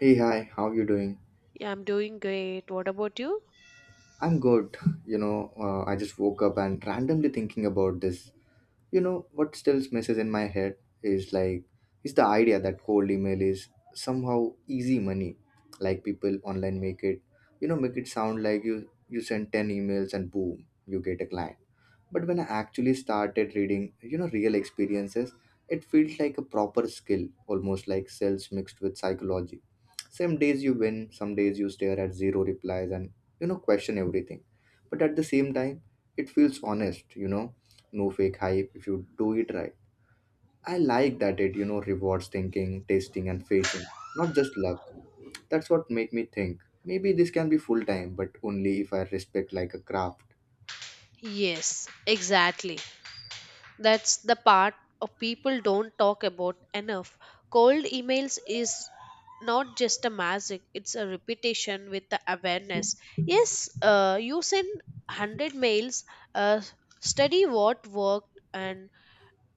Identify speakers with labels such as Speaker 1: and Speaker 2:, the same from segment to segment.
Speaker 1: Hey, hi, how you doing?
Speaker 2: Yeah, I'm doing great. What about you?
Speaker 1: I'm good. I just woke up and randomly thinking about this. You know what still messes in my head is like, is the idea that cold email is somehow easy money. Like people online make it, you know, make it sound like you send 10 emails and boom, you get a client. But when I actually started reading, you know, real experiences, it felt like a proper skill, almost like sales mixed with psychology. Some days you win, some days you stare at zero replies and, you know, question everything. But at the same time, it feels honest, you know, no fake hype if you do it right. I like that it, you know, rewards thinking, testing and patience, not just luck. That's what make me think maybe this can be full time, but only if I respect like a craft.
Speaker 2: Yes, exactly. That's the part of people don't talk about enough. Cold emails is not just a magic, it's a repetition with the awareness. Yes, you send 100 mails, uh, study what worked, and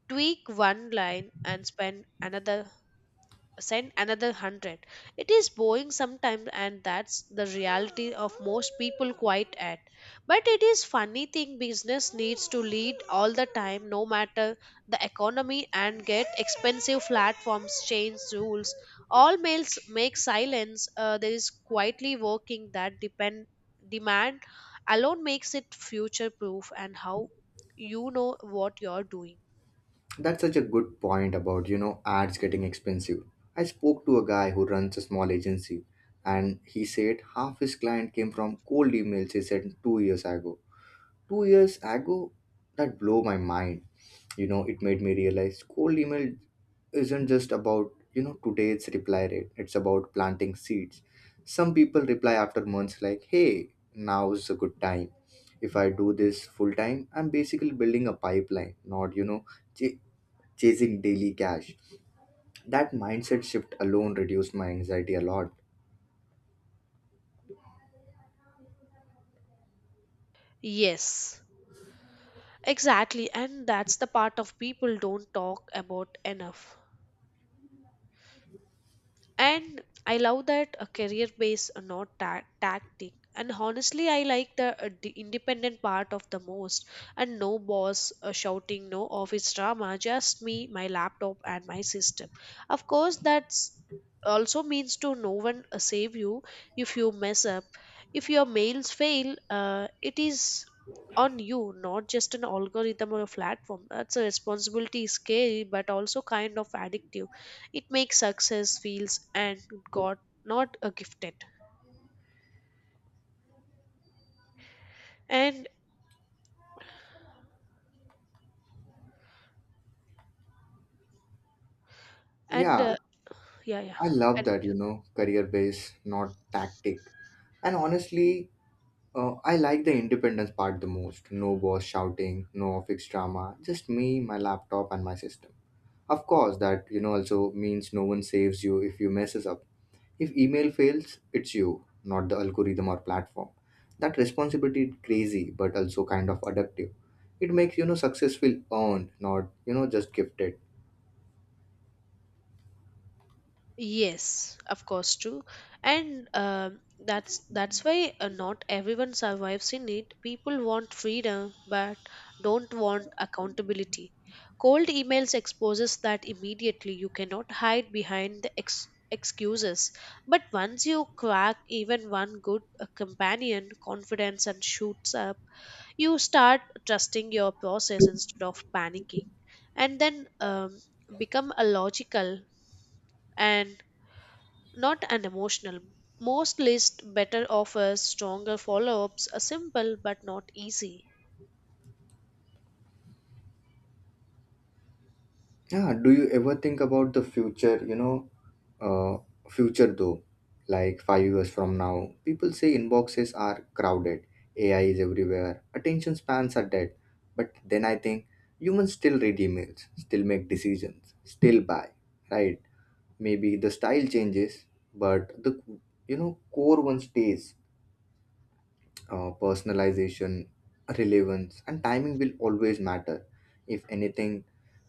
Speaker 2: tweak one line and spend another send another 100. It is boring sometimes and that's the reality of most people quite at, but it is funny thing business needs to lead all the time, no matter the economy, and get expensive platforms change rules. All males make silence, there is quietly working that depend demand alone makes it future proof, and how you know what you're doing.
Speaker 1: That's such a good point about, you know, ads getting expensive. I spoke to a guy who runs a small agency and he said half his client came from cold emails he sent 2 years ago. 2 years ago. That blew my mind. You know, it made me realize cold email isn't just about, you know, today's reply rate. It's about planting seeds. Some people reply after months like, "Hey, now's a good time." If I do this full time, I'm basically building a pipeline, not, you know, ch- chasing daily cash. That mindset shift alone reduced my anxiety a lot.
Speaker 2: Yes, exactly, and that's the part of people don't talk about enough. And I love that a career based, not tactic, and honestly I like the independent part of the most. And no boss shouting, no office drama, just me, my laptop, and my system. Of course, that's also means to no one save you if you mess up. If your mails fail, it is on you, not just an algorithm or a platform. That's a responsibility, scary but also kind of addictive. It makes success feels and got, not a gifted. and and
Speaker 1: Yeah,
Speaker 2: uh, yeah yeah
Speaker 1: I love that,
Speaker 2: continue.
Speaker 1: you know, career based, not tactic. And honestly, I like the independence part the most. No boss shouting, no office drama, just me, my laptop, and my system. Of course, that, you know, also means no one saves you if you messes up. If email fails, it's you, not the algorithm or platform. That responsibility is crazy, but also kind of addictive. It makes, you know, success feel earned, not, you know, just gifted.
Speaker 2: Yes, of course, true. And that's why, not everyone survives in it. People want freedom but don't want accountability. Cold emails exposes that immediately, you cannot hide behind the excuses. But once you crack even one good, companion confidence and shoots up, you start trusting your process instead of panicking. And then become a logical and not an emotional. Most lists, better offers, stronger follow-ups are simple but not easy.
Speaker 1: Yeah. Do you ever think about the future? Future though, like 5 years from now, people say inboxes are crowded, AI is everywhere, attention spans are dead. But then I think humans still read emails, still make decisions, still buy, right? Maybe the style changes, but the, you know, core one stays. Personalization, relevance, and timing will always matter. If anything,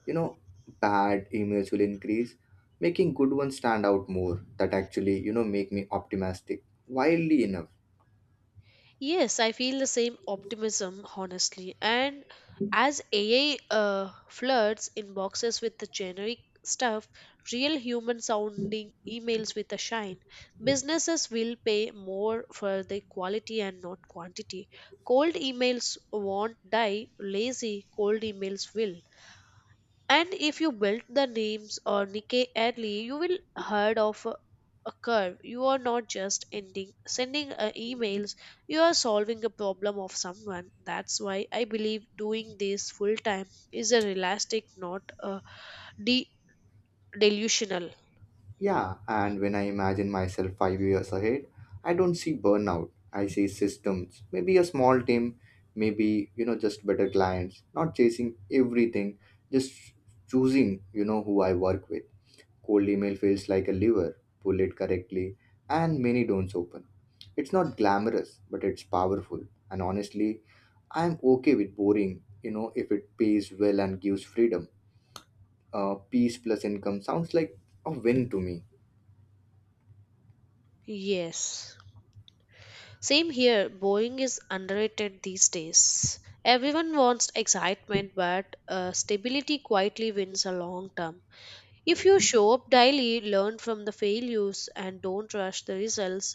Speaker 1: you know, bad emails will increase, making good ones stand out more. That actually, you know, make me optimistic wildly enough.
Speaker 2: Yes, I feel the same optimism, honestly. And as AI floods inboxes with the generic stuff, real human sounding emails with a shine, businesses will pay more for the quality and not quantity. Cold emails won't die, lazy cold emails will. And if you build the names or nikkei early, you will heard of a curve. You are not just ending sending, emails, you are solving a problem of someone. That's why I believe doing this full time is a realistic, not a de- delusional.
Speaker 1: Yeah, and when I imagine myself 5 years ahead, I don't see burnout. I see systems, maybe a small team, maybe, you know, just better clients, not chasing everything, just choosing, you know, who I work with. Cold email feels like a lever, pull it correctly, and many don'ts open. It's not glamorous, but it's powerful. And honestly, I'm okay with boring, you know, if it pays well and gives freedom. Peace plus income sounds like a win to me.
Speaker 2: Yes, same here, boeing is underrated these days. Everyone wants excitement, but stability quietly wins a long term. If you show up daily, learn from the failures, and don't rush the results,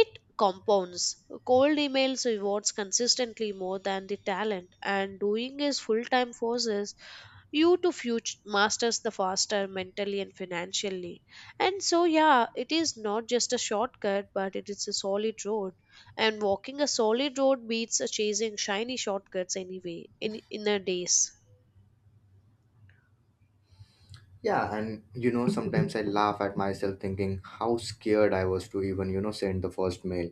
Speaker 2: it compounds. Cold emails rewards consistently more than the talent, and doing is full time forces you to future masters the faster mentally and financially. And so, yeah, it is not just a shortcut, but it is a solid road. And walking a solid road beats, chasing shiny shortcuts anyway in a days.
Speaker 1: Yeah, and you know, sometimes I laugh at myself thinking how scared I was to even, you know, send the first mail.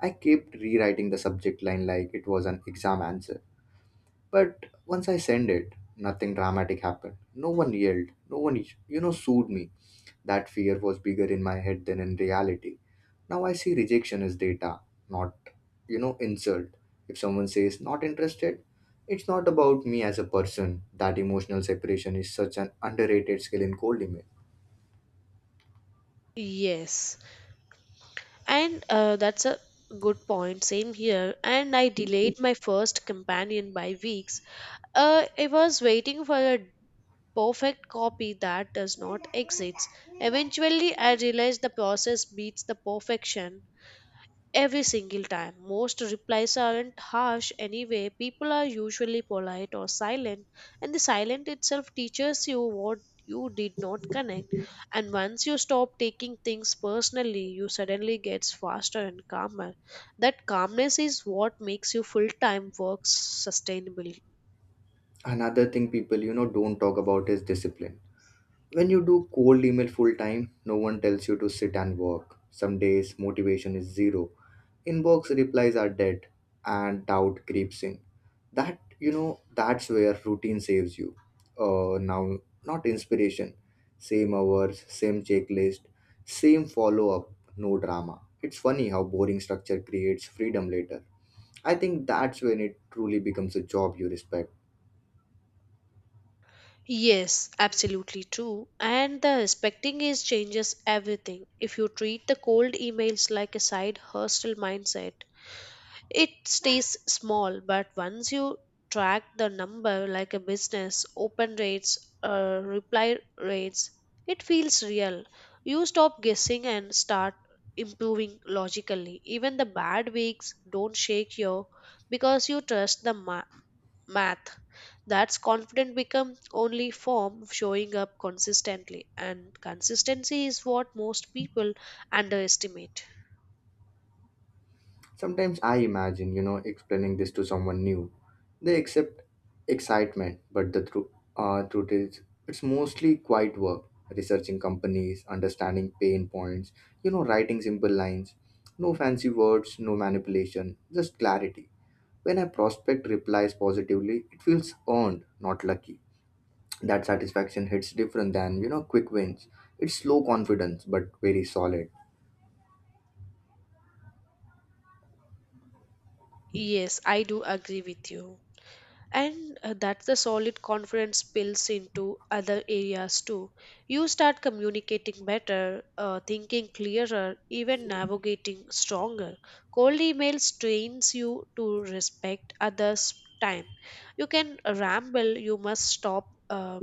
Speaker 1: I kept rewriting the subject line like it was an exam answer. But once I sent it, nothing dramatic happened. No one yelled, no one, you know, sued me. That fear was bigger in my head than in reality. Now I see rejection as data, not, you know, insult. If someone says not interested, it's not about me as a person. That emotional separation is such an underrated skill in cold email.
Speaker 2: Yes. And that's a good point. Same here. And I delayed my first companion by weeks. I was waiting for a perfect copy that does not exist. Eventually, I realized the process beats the perfection every single time. Most replies aren't harsh anyway. People are usually polite or silent, and the silent itself teaches you what you did not connect. And once you stop taking things personally, you suddenly gets faster and calmer. That calmness is what makes you full-time work sustainable.
Speaker 1: Another thing people, you know, don't talk about is discipline. When you do cold email full time, no one tells you to sit and work. Some days motivation is zero. Inbox replies are dead and doubt creeps in. That, you know, that's where routine saves you. Now, not inspiration. Same hours, same checklist, same follow up, no drama. It's funny how boring structure creates freedom later. I think that's when it truly becomes a job you respect.
Speaker 2: Yes, absolutely true. And the respecting is changes everything. If you treat the cold emails like a side hustle mindset, it stays small, but once you track the number like a business, open rates, reply rates, it feels real. You stop guessing and start improving logically. Even the bad weeks don't shake you because you trust the math. That's confident become only form of showing up consistently, and consistency is what most people underestimate.
Speaker 1: Sometimes I imagine, you know, explaining this to someone new. They accept excitement, but the truth is, it's mostly quiet work, researching companies, understanding pain points, you know, writing simple lines. No fancy words, no manipulation, just clarity. When a prospect replies positively, it feels earned, not lucky. That satisfaction hits different than, you know, quick wins. It's slow confidence, but very solid.
Speaker 2: Yes, I do agree with you. And that's the solid confidence spills into other areas too. You start communicating better, thinking clearer, even navigating stronger. Cold emails trains you to respect others time. You can ramble, you must stop,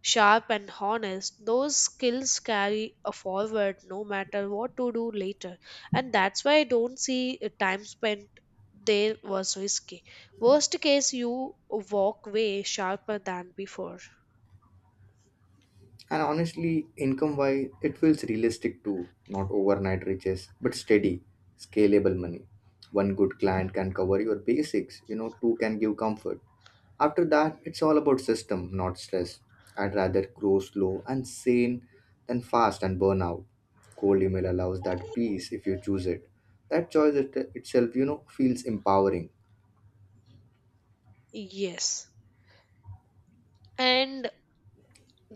Speaker 2: sharp and honest. Those skills carry a forward no matter what to do later. And that's why I don't see, time spent there was risky. Worst case, you walk way sharper than before.
Speaker 1: And honestly, income wise, it feels realistic too. Not overnight riches, but steady, scalable money. One good client can cover your basics, you know, two can give comfort. After that, it's all about system, not stress. I'd rather grow slow and sane than fast and burn out. Cold email allows that peace if you choose it. That choice it, itself, you know, feels empowering.
Speaker 2: Yes, and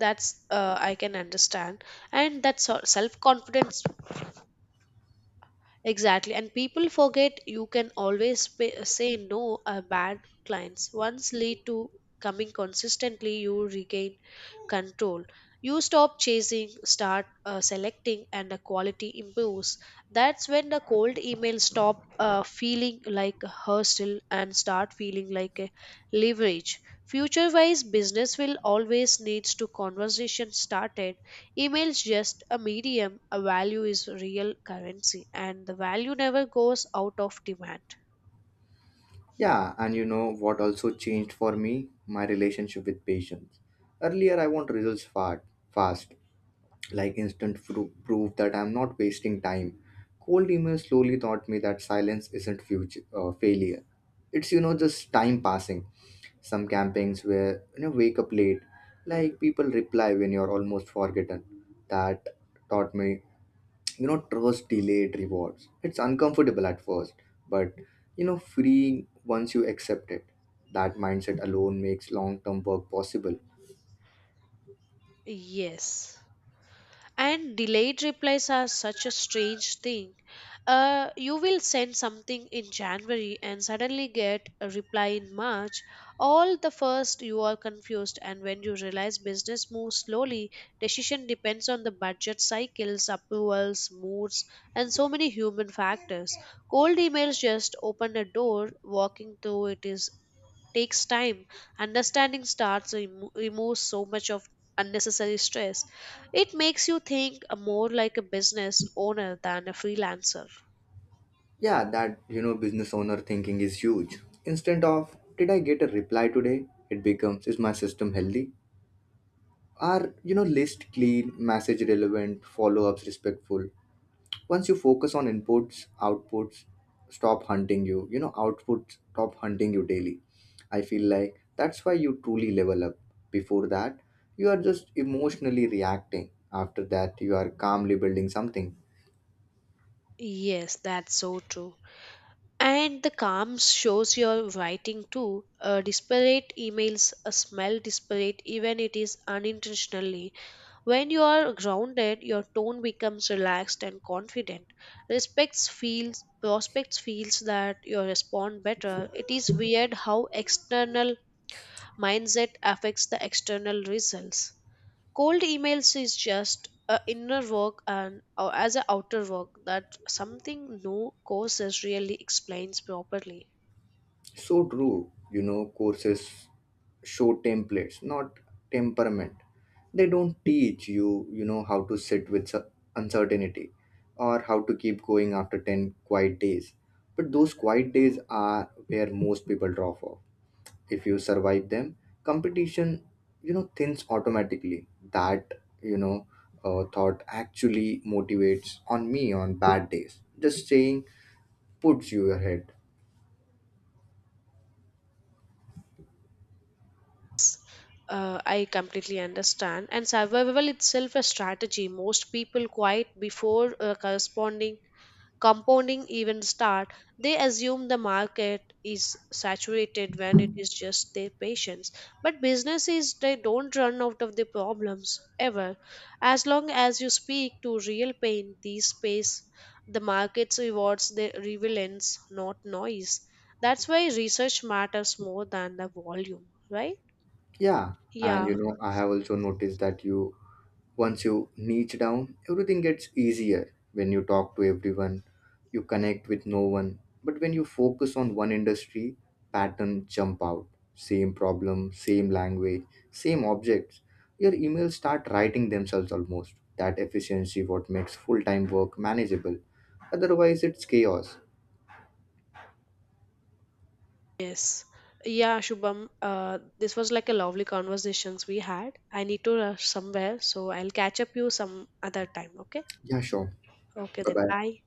Speaker 2: that's, I can understand. And that self confidence, exactly. And people forget you can always pay, say no a bad clients. Once lead to coming consistently, you regain control. You stop chasing, start, selecting, and the quality improves. That's when the cold email stop, feeling like a hustle and start feeling like a leverage. Future-wise, business will always needs to conversation started. Email's just a medium, a value is real currency, and the value never goes out of demand.
Speaker 1: Yeah, and you know what also changed for me? My relationship with patience. Earlier, I want results fast, fast, like instant proof that I'm not wasting time. Cold email slowly taught me that silence isn't failure. It's, you know, just time passing. Some campaigns where, you know, wake up late, like people reply when you're almost forgotten. That taught me, you know, trust delayed rewards. It's uncomfortable at first, but, you know, free once you accept it. That mindset alone makes long term work possible.
Speaker 2: Yes. And delayed replies are such a strange thing. You will send something in January and suddenly get a reply in March. All the first, you are confused, and when you realize business moves slowly, decision depends on the budget cycles, approvals, moods, and so many human factors. Cold emails just open a door, walking through it is takes time. Understanding starts removes so much of unnecessary stress. It makes you think, more like a business owner than a freelancer.
Speaker 1: Yeah, that, you know, business owner thinking is huge. Instead of did I get a reply today, it becomes is my system healthy, are, you know, list clean, message relevant, follow ups respectful. Once you focus on inputs, outputs stop hunting you you know Outputs stop hunting you daily. I feel like that's why you truly level up. Before that, you are just emotionally reacting. After that, you are calmly building something.
Speaker 2: Yes, that's so true. And the calm shows your writing too. Disparate emails, smell disparate even it is unintentionally. When you are grounded, your tone becomes relaxed and confident. Respects feels prospects feels that you respond better. It is weird how external mindset affects the external results. Cold emails is just a inner work and or as a outer work, that something no courses really explains properly.
Speaker 1: So true. You know, courses show templates, not temperament. They don't teach you, you know, how to sit with uncertainty or how to keep going after 10 quiet days. But those quiet days are where most people drop off. If you survive them, competition, you know, thins automatically. That thought actually motivates on me on bad days. Just saying puts you ahead.
Speaker 2: I completely understand. And survival itself a strategy. Most people quiet before, corresponding compounding events start, they assume the market is saturated when it is just their patients. But businesses, they don't run out of the problems ever. As long as you speak to real pain, these space, the markets rewards the relevance, not noise. That's why research matters more than the volume, right?
Speaker 1: Yeah, and
Speaker 2: Yeah.
Speaker 1: you know, I have also noticed that you once you niche down, everything gets easier. When you talk to everyone, you connect with no one. But when you focus on one industry, pattern jump out. Same problem, same language, same objects. Your emails start writing themselves almost. That efficiency what makes full-time work manageable. Otherwise, it's chaos.
Speaker 2: Yes. Yeah, Shubham, this was like a lovely conversations we had. I need to rush somewhere, so I'll catch up you some other time, okay?
Speaker 1: Yeah, sure.
Speaker 2: Okay, then
Speaker 1: Bye-bye.
Speaker 2: bye.